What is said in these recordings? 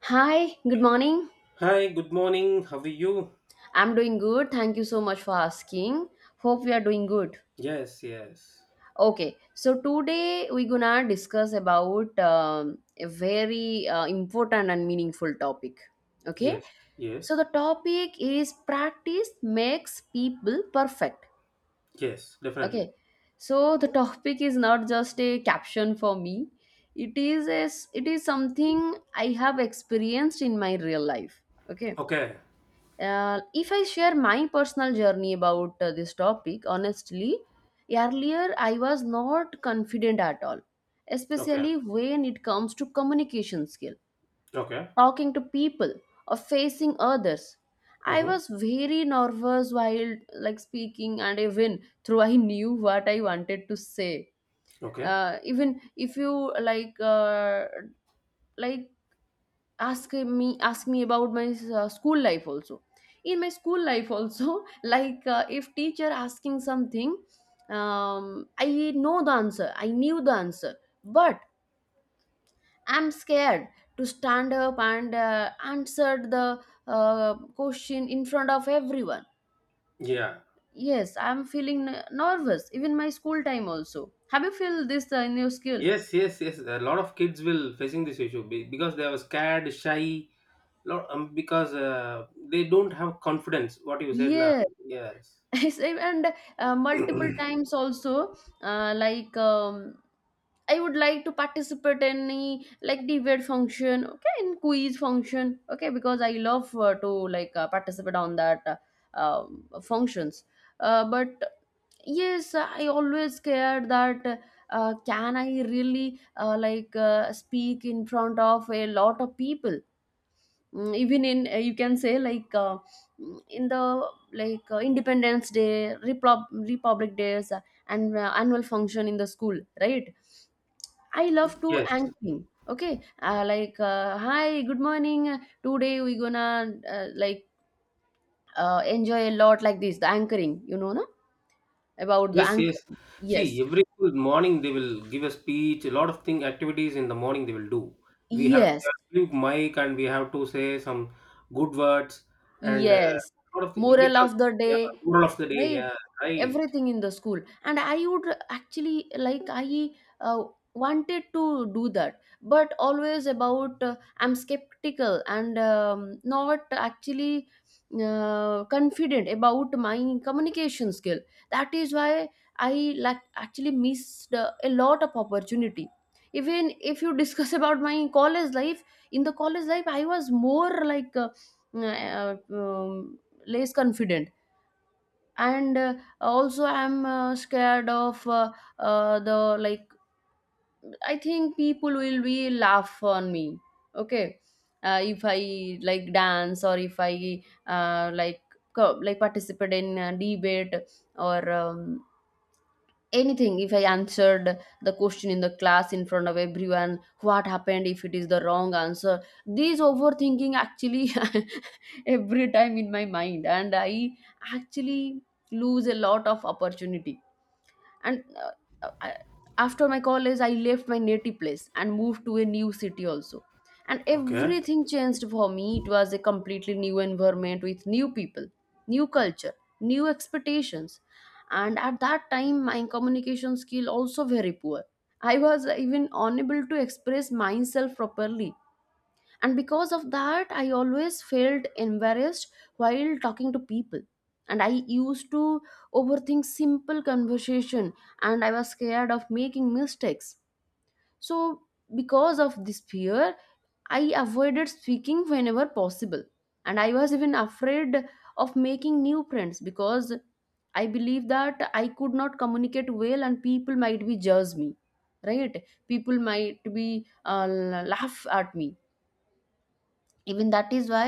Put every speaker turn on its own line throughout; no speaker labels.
Hi, good morning.
Hi, good morning. How are you?
I'm doing good. Thank you so much for asking. Hope we are doing good.
Yes, yes,
Okay, so today we're gonna discuss about a very important and meaningful topic. Okay,
yes,
so
yes,
the topic is practice makes people perfect.
yes, definitely.
Okay, so the topic is not just a caption for me. It is something I have experienced in my real life. Okay.
Okay,
If I share my personal journey about this topic, honestly, earlier I was not confident at all,
okay,
especially when it comes to communication skill,
okay,
talking to people or facing others. I
mm-hmm.
was very nervous while like speaking and even though I knew what I wanted to say.
Okay.
Even if you like like ask me about my school life also. In my school life also, like if teacher asking something, I knew the answer, but I'm scared to stand up and answer the question in front of everyone.
Yeah,
Yes, I'm feeling nervous even my school time also. Have you feel this in your skill?
yes, yes, yes. A lot of kids will facing this issue because they are scared, shy, lot because they don't have confidence. What you said now?
Yes.
Yes,
Same, and multiple times also, like I would like to participate in any like debate function, okay, in quiz function, okay, because I love to participate on that functions. But yes, I always scared that can I really speak in front of a lot of people? Even in you can say in the independence day, republic days, and annual function in the school, right? I love to
yes,
anchoring, okay, like hi good morning, today we gonna uh, like enjoy a lot like this, the anchoring, you know, no? About the
yes, yes.
anchoring,
See,
yes.
every school morning they will give a speech, a lot of thing activities in the morning they will do. We have they
Yes,
are giving mic and we have to say some good words and
yes,
lot of things
moral
because
of the
yeah,
day,
moral of the day,
right,
yeah, right.
everything in the school. And I would actually like I uh, wanted to do that, but always about I'm skeptical and not actually confident about my communication skill. That is why I like actually missed a lot of opportunity. Even if you discuss about my college life, in the college life I was more like uh, um, less confident, and also I'm scared of the like, I think people will be laugh on me, okay, if I like dance or if I like like participate in a debate or anything. If I answered the question in the class in front of everyone, what happened if it is the wrong answer? This overthinking actually every time in my mind, and I actually lose a lot of opportunity. and uh, uh, I, After my college, I left my native place and moved to a new city also, and
Okay,
everything changed for me. It was a completely new environment with new people, new culture, new expectations, and at that time my communication skill also very poor. I was even unable to express myself properly, and because of that I always felt embarrassed while talking to people, and I used to overthink simple conversation, and I was scared of making mistakes. So because of this fear, I avoided speaking whenever possible, and I was even afraid of making new friends because I believe that I could not communicate well and people might be judge me, right? People might be laugh at me. Even that is why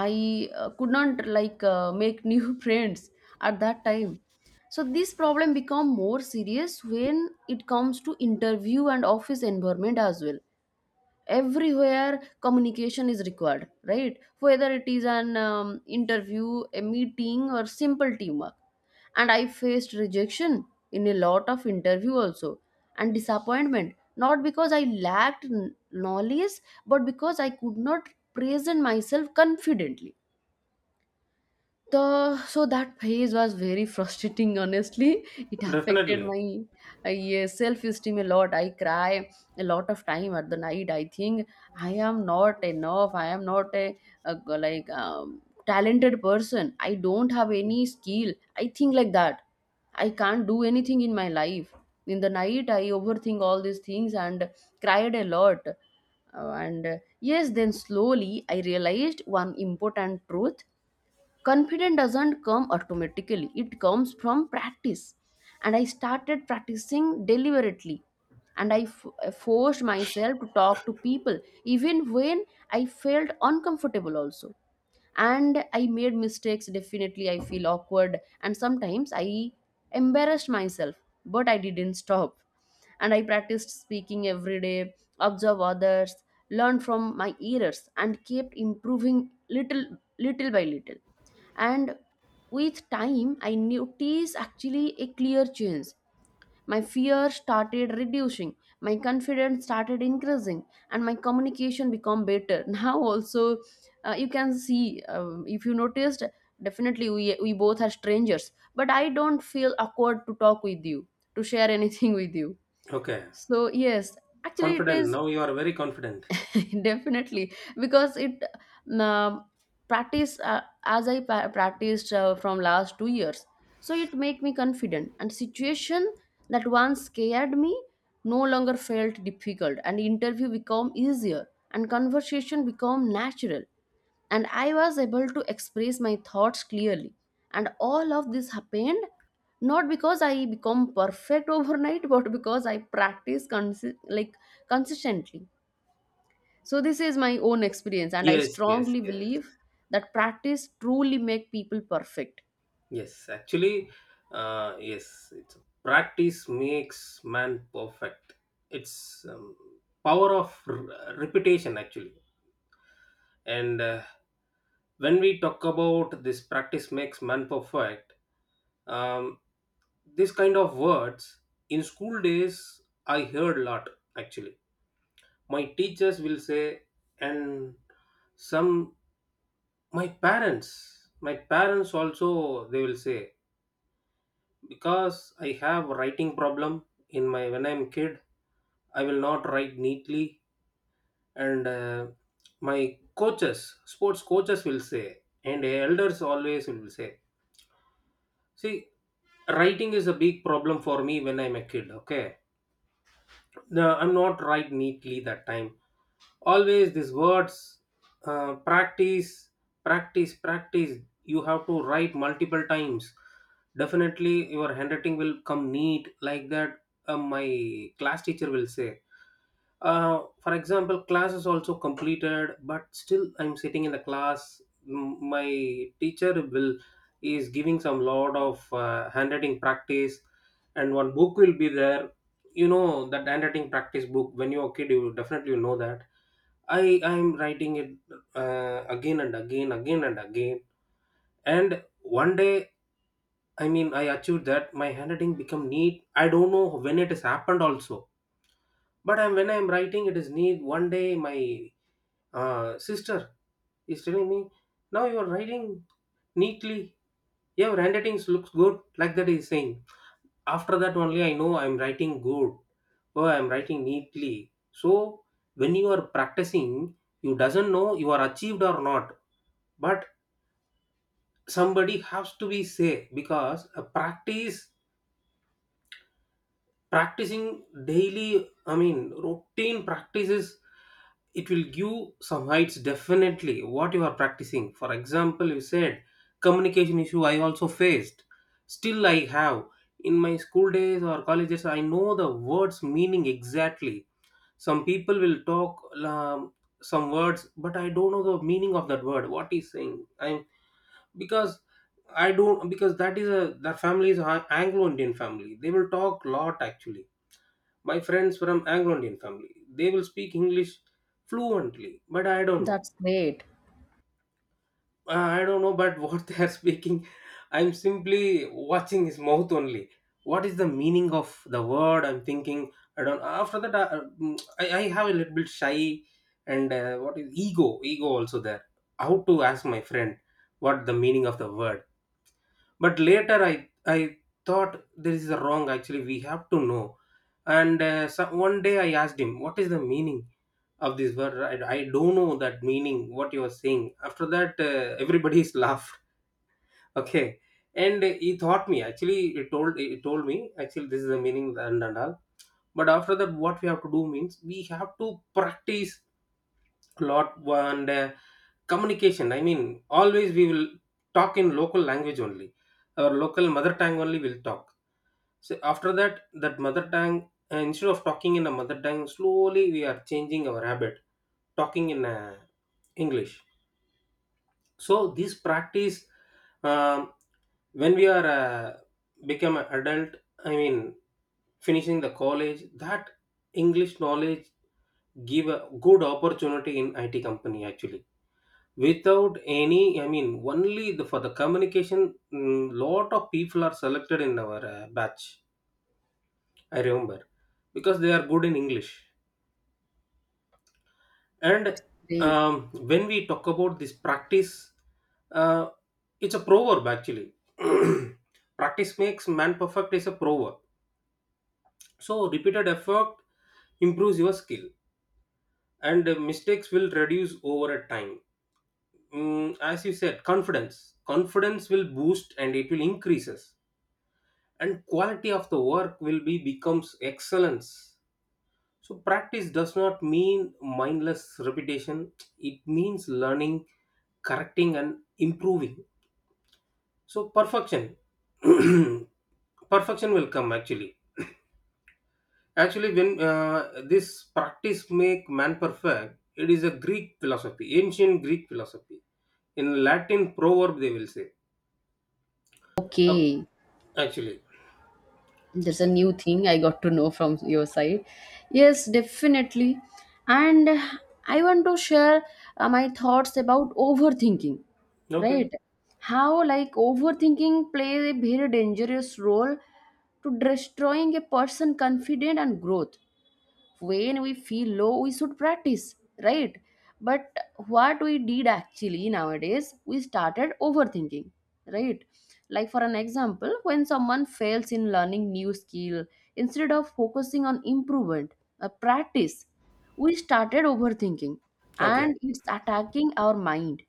I could not make new friends at that time. So this problem become more serious when it comes to interview and office environment as well. Everywhere communication is required, right? Whether it is an interview, a meeting or simple teamwork. And I faced rejection in a lot of interview also, and disappointment, not because I lacked knowledge, but because I could not present myself confidently. The so that phase was very frustrating. Honestly, it affected
definitely.
my yeah, self-esteem a lot. I cry a lot of time at the night. I think I am not enough. I am not a talented person. I don't have any skill. I think like that. I can't do anything in my life. In the night, I overthink all these things and cried a lot. And yes, then slowly I realized one important truth: confidence doesn't come automatically, it comes from practice. And I started practicing deliberately, and I forced myself to talk to people even when I felt uncomfortable also. And I made mistakes, definitely. I feel awkward and sometimes I embarrassed myself, but I didn't stop. And I practiced speaking every day, observe others, learn from my errors, and kept improving, little little by little. And with time I noticed actually a clear change. My fear started reducing, my confidence started increasing, and my communication become better. Now also, you can see, if you noticed, definitely we both are strangers, but I don't feel awkward to talk with you, to share anything with you.
Okay,
So yes, actually it
confident.
is
Now you are very confident.
definitely, because it, um, practice, as I practiced from last 2 years, so it make me confident, and situation that once scared me no longer felt difficult. And interview become easier, and conversation become natural, and I was able to express my thoughts clearly. And all of this happened not because I become perfect overnight, but because I practice consistently. So this is my own experience, and I
Yes, yes,
strongly
yes,
believe that practice truly make people perfect.
yes. Actually, yes, it's practice makes man perfect. It's power of repetition actually. And when we talk about this practice makes man perfect, um, this kind of words in school days I heard a lot. Actually my teachers will say, and some my parents also they will say because I have writing problem in my when I'm kid. I will not write neatly, and my coaches sports coaches will say, and elders always will say. See, writing is a big problem for me when I'm a kid, okay? No, I'm not right neatly that time. Always these words, practice, practice, practice. You have to write multiple times. Definitely, your handwriting will come neat like that. My class teacher will say. For example, class is also completed, but still I'm sitting in the class. My teacher will is giving some lot of handwriting practice, and one book will be there. You know that handwriting practice book? When you're a kid you definitely know that. I'm writing it again and again, again and again, and one day, I mean, I achieved that my handwriting become neat. I don't know when it has happened also, but I'm, when I'm writing it is neat. One day my sister is telling me, now you're writing neatly, your handwriting looks good, like that he's saying. After that only I know I'm writing good or I'm writing neatly. So when you are practicing you doesn't know you are achieved or not, but somebody has to be say, because a practice, practicing daily, I mean routine practices, it will give some heights definitely what you are practicing. For example, you said communication issue, I also faced, still I have. In my school days or colleges I know the words meaning exactly. Some people will talk, some words but I don't know the meaning of that word what he's saying. I'm because I don't, because that is a that family is an Anglo Indian family, they will talk lot actually. My friends from Anglo Indian family, they will speak English fluently, but I don't know.
That's great.
I don't know, but what they are speaking, I'm simply watching his mouth only. What is the meaning of the word? I'm thinking. I don't. After that, I, I have a little bit shy, and what is ego? Ego also there. How to ask my friend what the meaning of the word? But later, I thought this is wrong. Actually, we have to know. And so one day I asked him, what is the meaning of this word? I don't know that meaning what you are saying. After that everybody's laughed okay, and he taught me actually, he told me actually this is the meaning, and all. But after that, what we have to do means we have to practice a lot. And communication, I mean, always we will talk in local language only, our local mother tongue only will talk. So after that, that mother tongue, instead of talking in a mother tongue, slowly we are changing our habit, talking in English. So this practice, um, when we are become an adult, I mean, finishing the college, that English knowledge give a good opportunity in IT company actually. Without any, I mean, only the, for the communication, lot of people are selected in our batch, I remember, because they are good in English. And
Great.
when we talk about this practice, uh, it's a proverb actually. Practice makes man perfect is a proverb. So repeated effort improves your skill, and mistakes will reduce over a time. Mm, as you said, confidence. Confidence will boost and it will increases, and quality of the work will be becomes excellence. So practice does not mean mindless repetition, it means learning, correcting, and improving. So perfection. Perfection will come actually. Actually, when this practice make man perfect, it is a Greek philosophy, ancient Greek philosophy. In Latin proverb, they will say. Uh,
Okay,
actually,
there's a new thing I got to know from your side. Yes, definitely. And I want to share my thoughts about overthinking,
okay,
right? How like overthinking plays a very dangerous role to destroying a person confident and growth. When we feel low, we should practice, right? But what we did actually nowadays, we started overthinking, right? Like for an example, when someone fails in learning new skill, instead of focusing on improvement, a practice, we started overthinking,
okay,
and it's attacking our mind.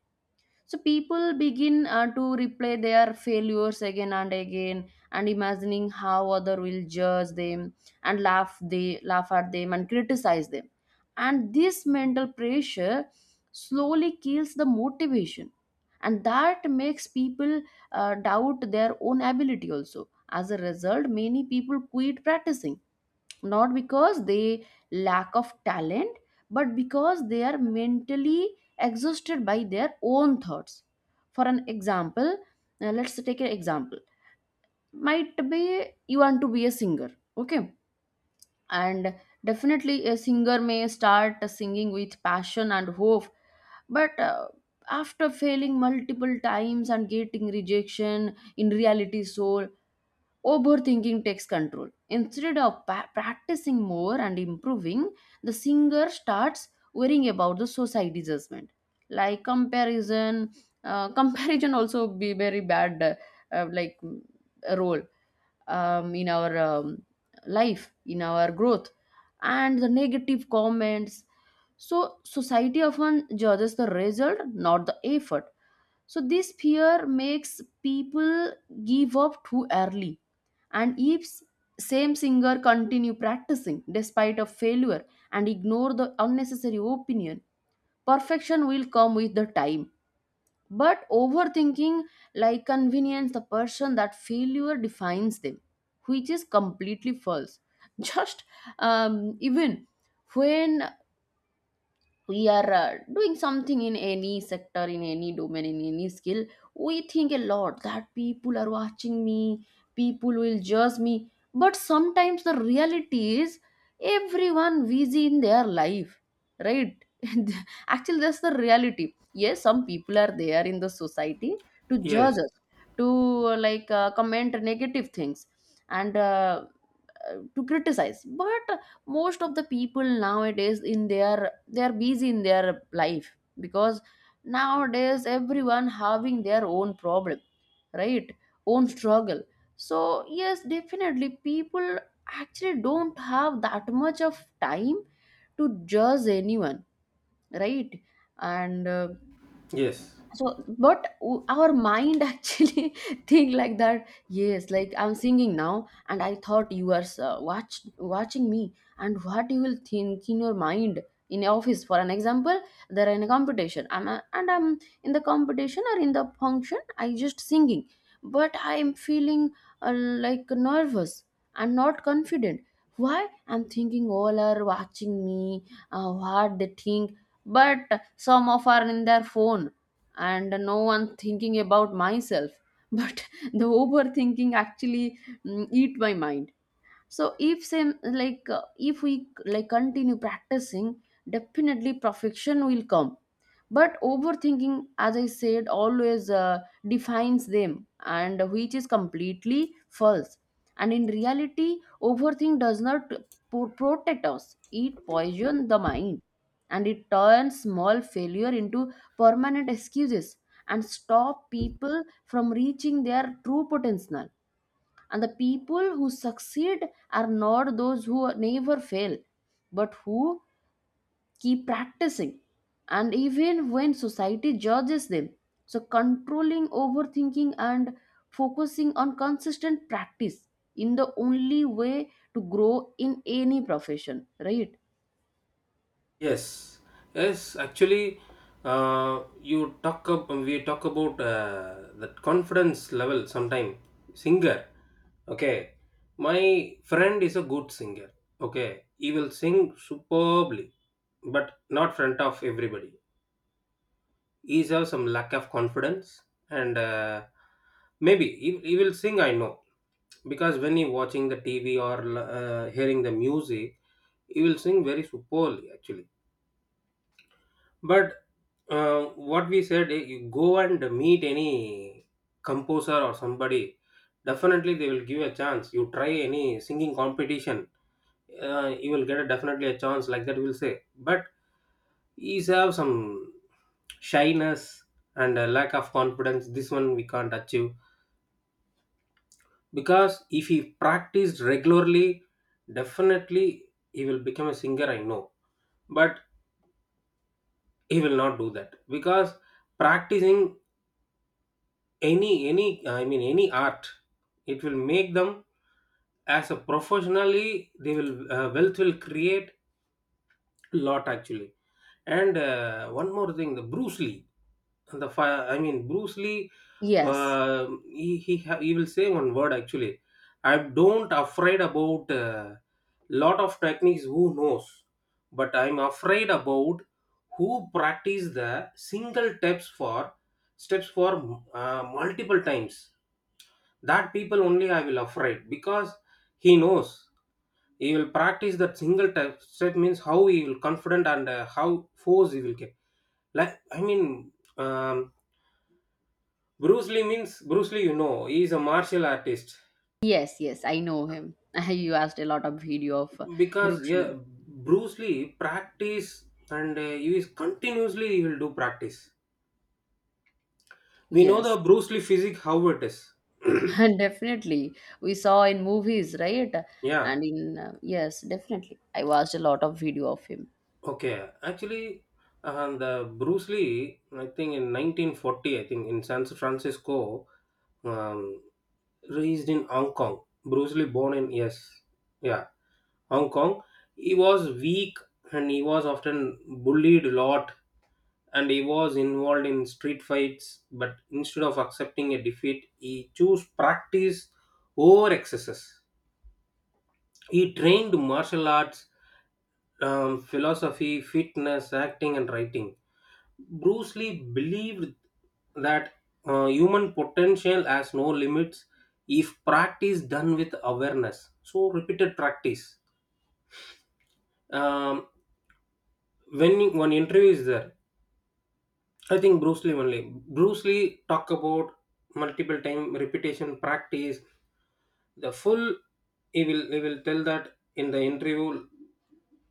So people begin to replay their failures again and again, and imagining how other will judge them and laugh, they laugh at them and criticize them. And this mental pressure slowly kills the motivation, and that makes people doubt their own ability also. As a result, many people quit practicing not because they lack of talent, but because they are mentally exhausted by their own thoughts. For an example, let's take an example, might be you want to be a singer, okay? And definitely a singer may start singing with passion and hope, but after failing multiple times and getting rejection in reality soul, overthinking takes control. Instead of practicing more and improving, the singer starts worrying about the society judgment, like comparison. Comparison also be very bad, like role in our life, in our growth, and the negative comments. So society often judges the result, not the effort. So this fear makes people give up too early. And if same singer continue practicing despite of failure and ignore the unnecessary opinion, perfection will come with the time. But overthinking like convenience the person that failure defines them, which is completely false. Just even when we are doing something in any sector, in any domain, in any skill, we think a lot that people are watching me, people will judge me. But sometimes the reality is everyone busy in their life, right? Actually that's the reality. Yes, some people are there in the society to
yes,
judge us, to comment negative things, and to criticize. But most of the people nowadays in their, they are busy in their life, because nowadays everyone having their own problem, right? Own struggle. So yes, definitely people actually don't have that much of time to judge anyone, right? and
yes.
so but our mind actually think like that. Yes, like I'm singing now and I thought you are watching me, and what you will think in your mind, in your office, for an example. There in a competition, I'm a, and I'm in the competition or in the function, I just singing, but I'm feeling like nervous and not confident. Why? I'm thinking all are watching me, what they think. But some of are in their phone, and no one thinking about myself. But the overthinking actually, eat my mind. So if same if we like continue practicing, definitely perfection will come. But overthinking, as I said, always defines them, and which is completely false. And in reality, overthink does not protect us, it poisons the mind, and it turns small failure into permanent excuses and stop people from reaching their true potential. And The people who succeed are not those who never fail, but who keep practicing, and even when society judges them. So controlling overthinking and focusing on consistent practice in the only way to grow in any profession, right?
Yes, yes. Actually, you talk up. We talk about that confidence level. Sometime singer. Okay, my friend is a good singer. Okay, he will sing superbly, but not front of everybody. He has some lack of confidence, and maybe he will sing. I know, because when he watching the TV or hearing the music, he will sing very superbly actually. But what we said, eh, you go and meet any composer or somebody, definitely they will give a chance. You try any singing competition, you will get a, definitely a chance, like that, we'll say. But he's have some shyness and a lack of confidence. This one we can't achieve, because if he practiced regularly, definitely he will become a singer. I know, but he will not do that, because practicing any I mean any art, it will make them as a professionally they will wealth will create a lot actually. And one more thing, the Bruce Lee and the I mean Bruce Lee,
Yes,
uh, he will say one word actually. I don't afraid about lot of techniques who knows, but I'm afraid about who practice the single steps for multiple times. That people only I will afraid, because he knows he will practice that single type step means how he will confident and how force he will get. Like I mean, Bruce Lee means Bruce Lee. You know, he is a martial artist
yes, yes, I know him. You asked a lot of video of
because
Bruce
yeah,
Lee.
Bruce Lee practice and he is continuously he will do practice. We know
Yes.
the Bruce Lee physique how it is.
Definitely, we saw in movies, right?
Yeah.
And in yes, definitely I watched a lot of video of him.
Okay, actually, the Bruce Lee, I think in 1940, I think in San Francisco, um, raised in Hong Kong. Bruce Lee born in, yes, yeah, Hong Kong. He was weak and he was often bullied a lot, and he was involved in street fights. But instead of accepting a defeat, he chose practice over excesses. He trained martial arts, philosophy, fitness, acting, and writing. Bruce Lee believed that human potential has no limits if practice done with awareness. So repeated practice. Um, when one interview is there, I think Bruce Lee only. Bruce Lee talk about multiple time repetition practice the full. He will tell that in the interview,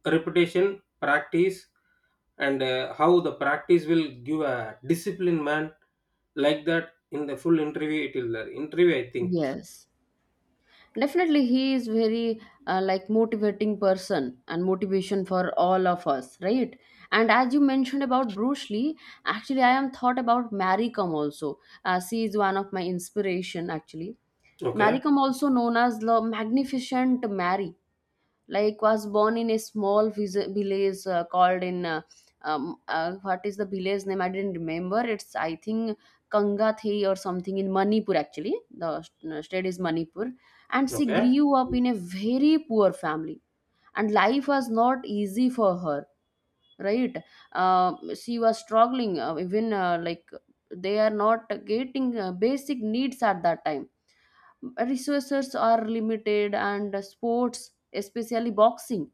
repetition practice, and how the practice will give a disciplined man, like that in the full interview it will there interview I think.
Yes, definitely he is very like motivating person and motivation for all of us, right? And as you mentioned about Bruce Lee, actually I am thought about Mary Kom also. She is one of my inspiration actually. Mary
Okay,
Kom, also known as the Magnificent Mary, like was born in a small village called in what is the village name, I didn't remember, it's I think Kangathi or something in Manipur actually. The state is Manipur, and she
okay,
grew up in a very poor family. And life was not easy for her, right? uh, she was struggling even like they are not getting basic needs at that time. Resources are limited, and sports, especially boxing,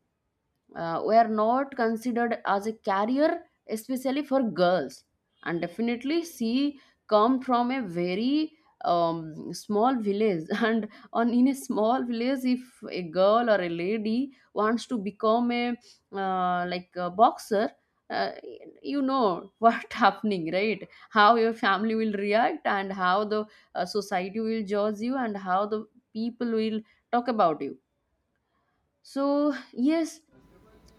were not considered as a career, especially for girls. And definitely she come from a very small village and on in a small village, if a girl or a lady wants to become a like a boxer, uh, you know what happening, right? How your family will react, and how the society will judge you, and how the people will talk about you. So, yes,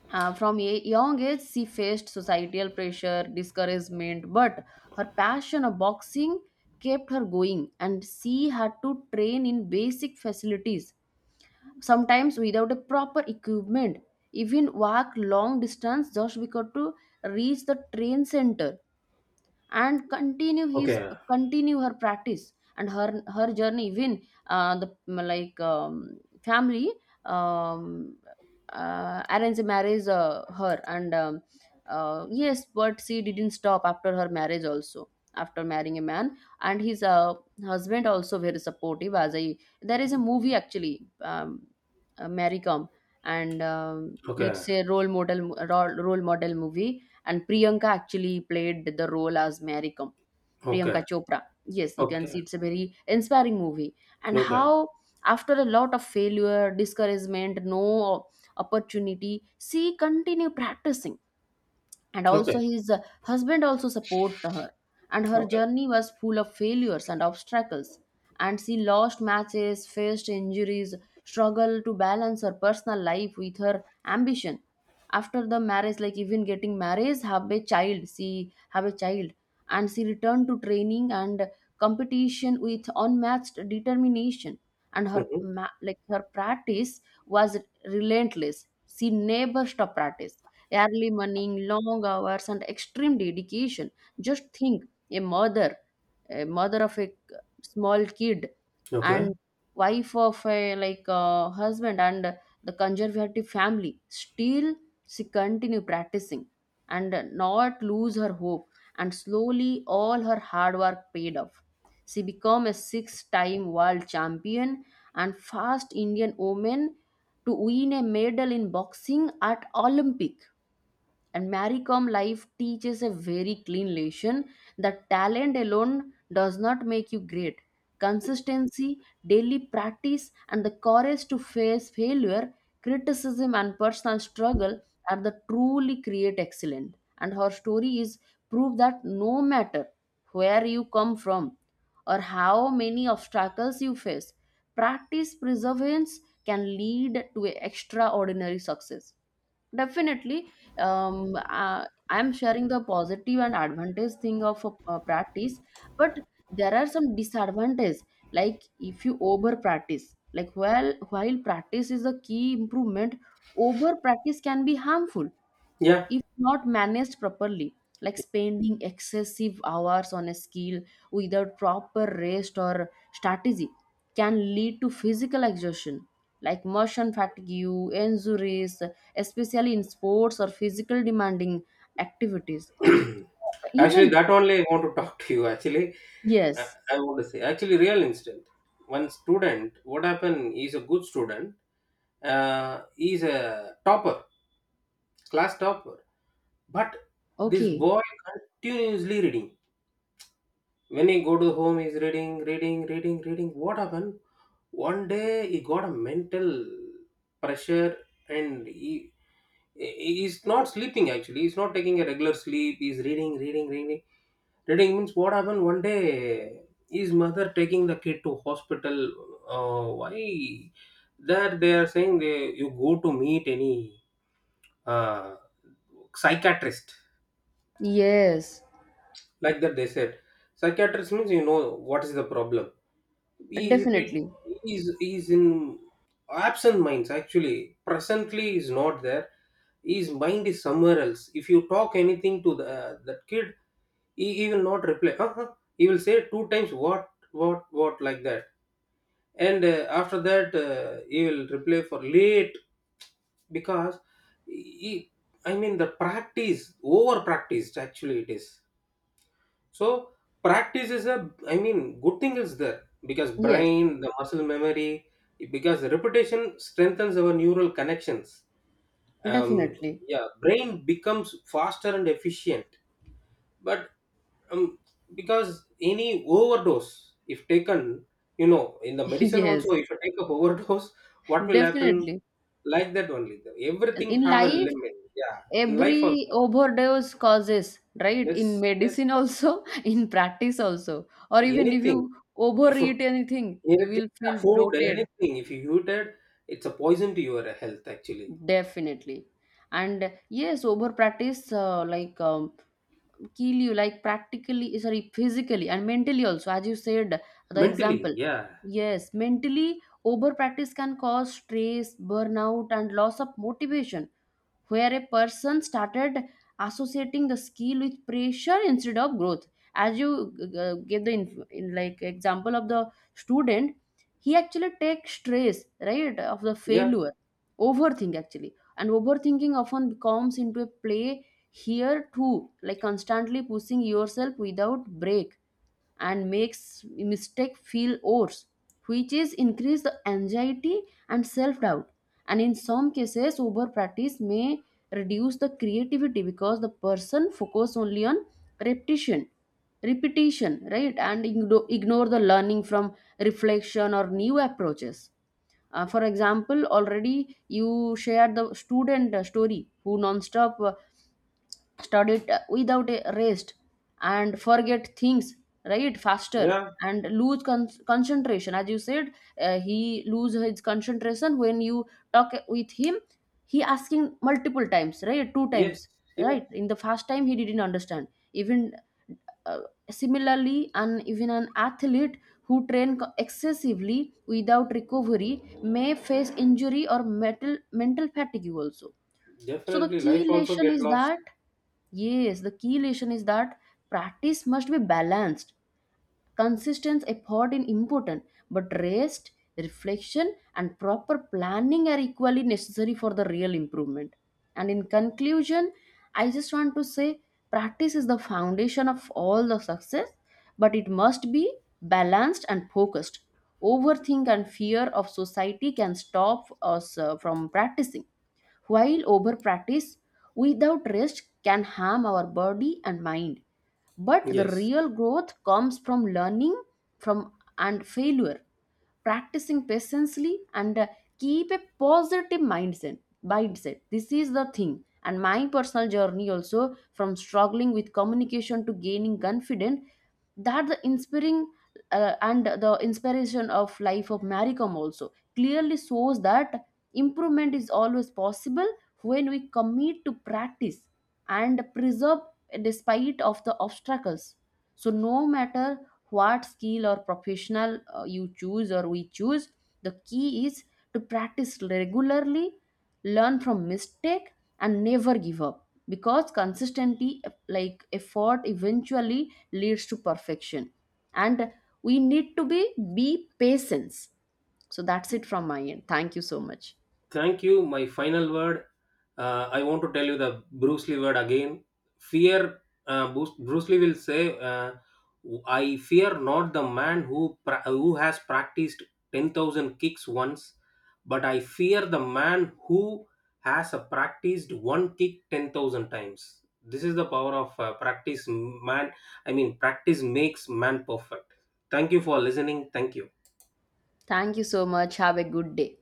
from a young age, she faced societal pressure, discouragement, but her passion of boxing kept her going, and she had to train in basic facilities, sometimes without a proper equipment, even walk long distance just because to reach the train center and continue his
okay,
continue her practice and her journey. Even the like family, um, arrange a marriage her, and yes, but she didn't stop after her marriage also. After marrying a man, and his husband also very supportive as I— there is a movie actually, Mary Kom, and
okay,
it's a role model role model movie. And Priyanka actually played the role as Mary Kom,
okay,
Priyanka Chopra. Yes, you can
okay,
see it's a very inspiring movie. And
okay,
how, after a lot of failure, discouragement, no opportunity, she continued practicing, and also
okay,
his husband also support her. And her
okay,
journey was full of failures and obstacles, and she lost matches, faced injuries, struggled to balance her personal life with her ambition. After the marriage, like even getting married, have a child, she have a child, and she returned to training and competition with unmatched determination. And
hmm,
like her practice was relentless. She never stopped practice. Early morning, long hours, and extreme dedication. Just think, a mother, a mother of a small kid,
okay,
and wife of a like husband and the conservative family. Still, she continue practicing and not lose her hope. And slowly, all her hard work paid off. She became a six-time world champion and first Indian woman to win a medal in boxing at Olympic. And Maricom life teaches a very clean lesson that talent alone does not make you great. Consistency, daily practice, and the courage to face failure, criticism, and personal struggle are the truly create excellent. And her story is proof that no matter where you come from or how many obstacles you face, practice perseverance can lead to a extraordinary success. Definitely, I'm sharing the positive and advantage thing of a practice, but there are some disadvantages. Like if you over practice, like while practice is a key improvement, over practice can be harmful
yeah.
if not managed properly, like spending excessive hours on a skill without proper rest or strategy can lead to physical exhaustion, like motion fatigue injuries, especially in sports or physical demanding activities,
Actually,
even.
that only I want to talk to you. Actually, I,
Yes.
I want to say, actually, real incident. One student, what happened? He's a good student. He's a topper, class topper. But this
Okay.
boy continuously reading. When he go to home, he's reading, reading, reading, reading. What happened? One day he got a mental pressure, and he's not sleeping actually. He's not taking a regular sleep. He's reading, reading, reading. Reading means what happened one day his mother taking the kid to hospital. Why? That they are saying they, you go to meet any uh, psychiatrist.
Yes,
Like that they said. Psychiatrist means you know what is the problem. He repeat
definitely.
he is in absent minds actually. Presently is not there. His mind is somewhere else. If you talk anything to the, that kid, he will not reply. Uh-huh. He will say two times what like that, and after that he will reply for late because he, I mean the practice over practiced actually it is. So practice is a, I mean, good thing is there because
Yes,
brain, the muscle memory, because repetition strengthens our neural connections. Um,
definitely.
yeah, brain becomes faster and efficient. But um, because any overdose, if taken, you know, in the medicine also,
Yes,
if you take a overdose, what will happen?
definitely.
Like that only. Everything
In
have a
life
limit. Yeah, in life
every
also.
overdose causes, right? In
Yes, yes.
medicine also, in practice also, or
See,
even if you
anything. If you
overeat anything you
anything,
will feel
yeah, food,
bloated.
anything. If you eat it, it's a poison to your health actually.
Definitely. And yes, over practice like kill you like practically, sorry, physically and mentally also, as you said, the
Mentally,
example.
yeah,
Yes, mentally over practice can cause stress, burnout, and loss of motivation, where a person started associating the skill with pressure instead of growth. As you give the inf- in like example of the student, he actually takes stress, right, of the
yeah,
failure. Overthink actually, and overthinking often becomes into a play here too, like constantly pushing yourself without break and makes mistake feel worse, which is increase the anxiety and self doubt. And in some cases over practice may reduce the creativity, because the person focus only on repetition, repetition, right, and ignore the learning from reflection or new approaches. For example, already you shared the student story who non-stop studied without a rest and forget things, right, faster,
yeah,
and concentration, as you said. He lose his concentration. When you talk with him, he asking multiple times, right, two
yes,
times,
yeah.
right? In the first time he didn't understand even. uh, Similarly, and even an athlete who excessively without recovery may face injury or mental fatigue also. So the
Definitely,
key
life also
lesson
get
is
lost.
that— yes, the key lesson is that practice must be balanced. Consistent effort is important, but rest, reflection, and proper planning are equally necessary for the real improvement. And in conclusion, I just want to say practice is the foundation of all the success, but it must be balanced and focused. Overthink and fear of society can stop us from practicing, while overpractice without rest can harm our body and mind, but the
Yes.
real growth comes from learning from and failure, practicing patiently, and keep a positive mindset. Mindset. This is the thing. And my personal journey also, from struggling with communication to gaining confidence, that the inspiring and the inspiration of life of Maricom also clearly shows that improvement is always possible when we commit to practice and preserve despite of the obstacles. So no matter what skill or professional you choose or we choose, the key is to practice regularly, learn from mistake, and never give up, because consistency like effort eventually leads to perfection, and we need to be patience. So that's it from my end, thank you so much.
Thank you. My final word. I want to tell you the Bruce Lee word again. Fear. Bruce Lee will say, "I fear not the man who who has practiced 10,000 kicks once, but I fear the man who has a practiced one kick 10,000 times." This is the power of practice, man. I mean, practice makes man perfect. Thank you for listening. Thank you.
Thank you so much. Have a good day.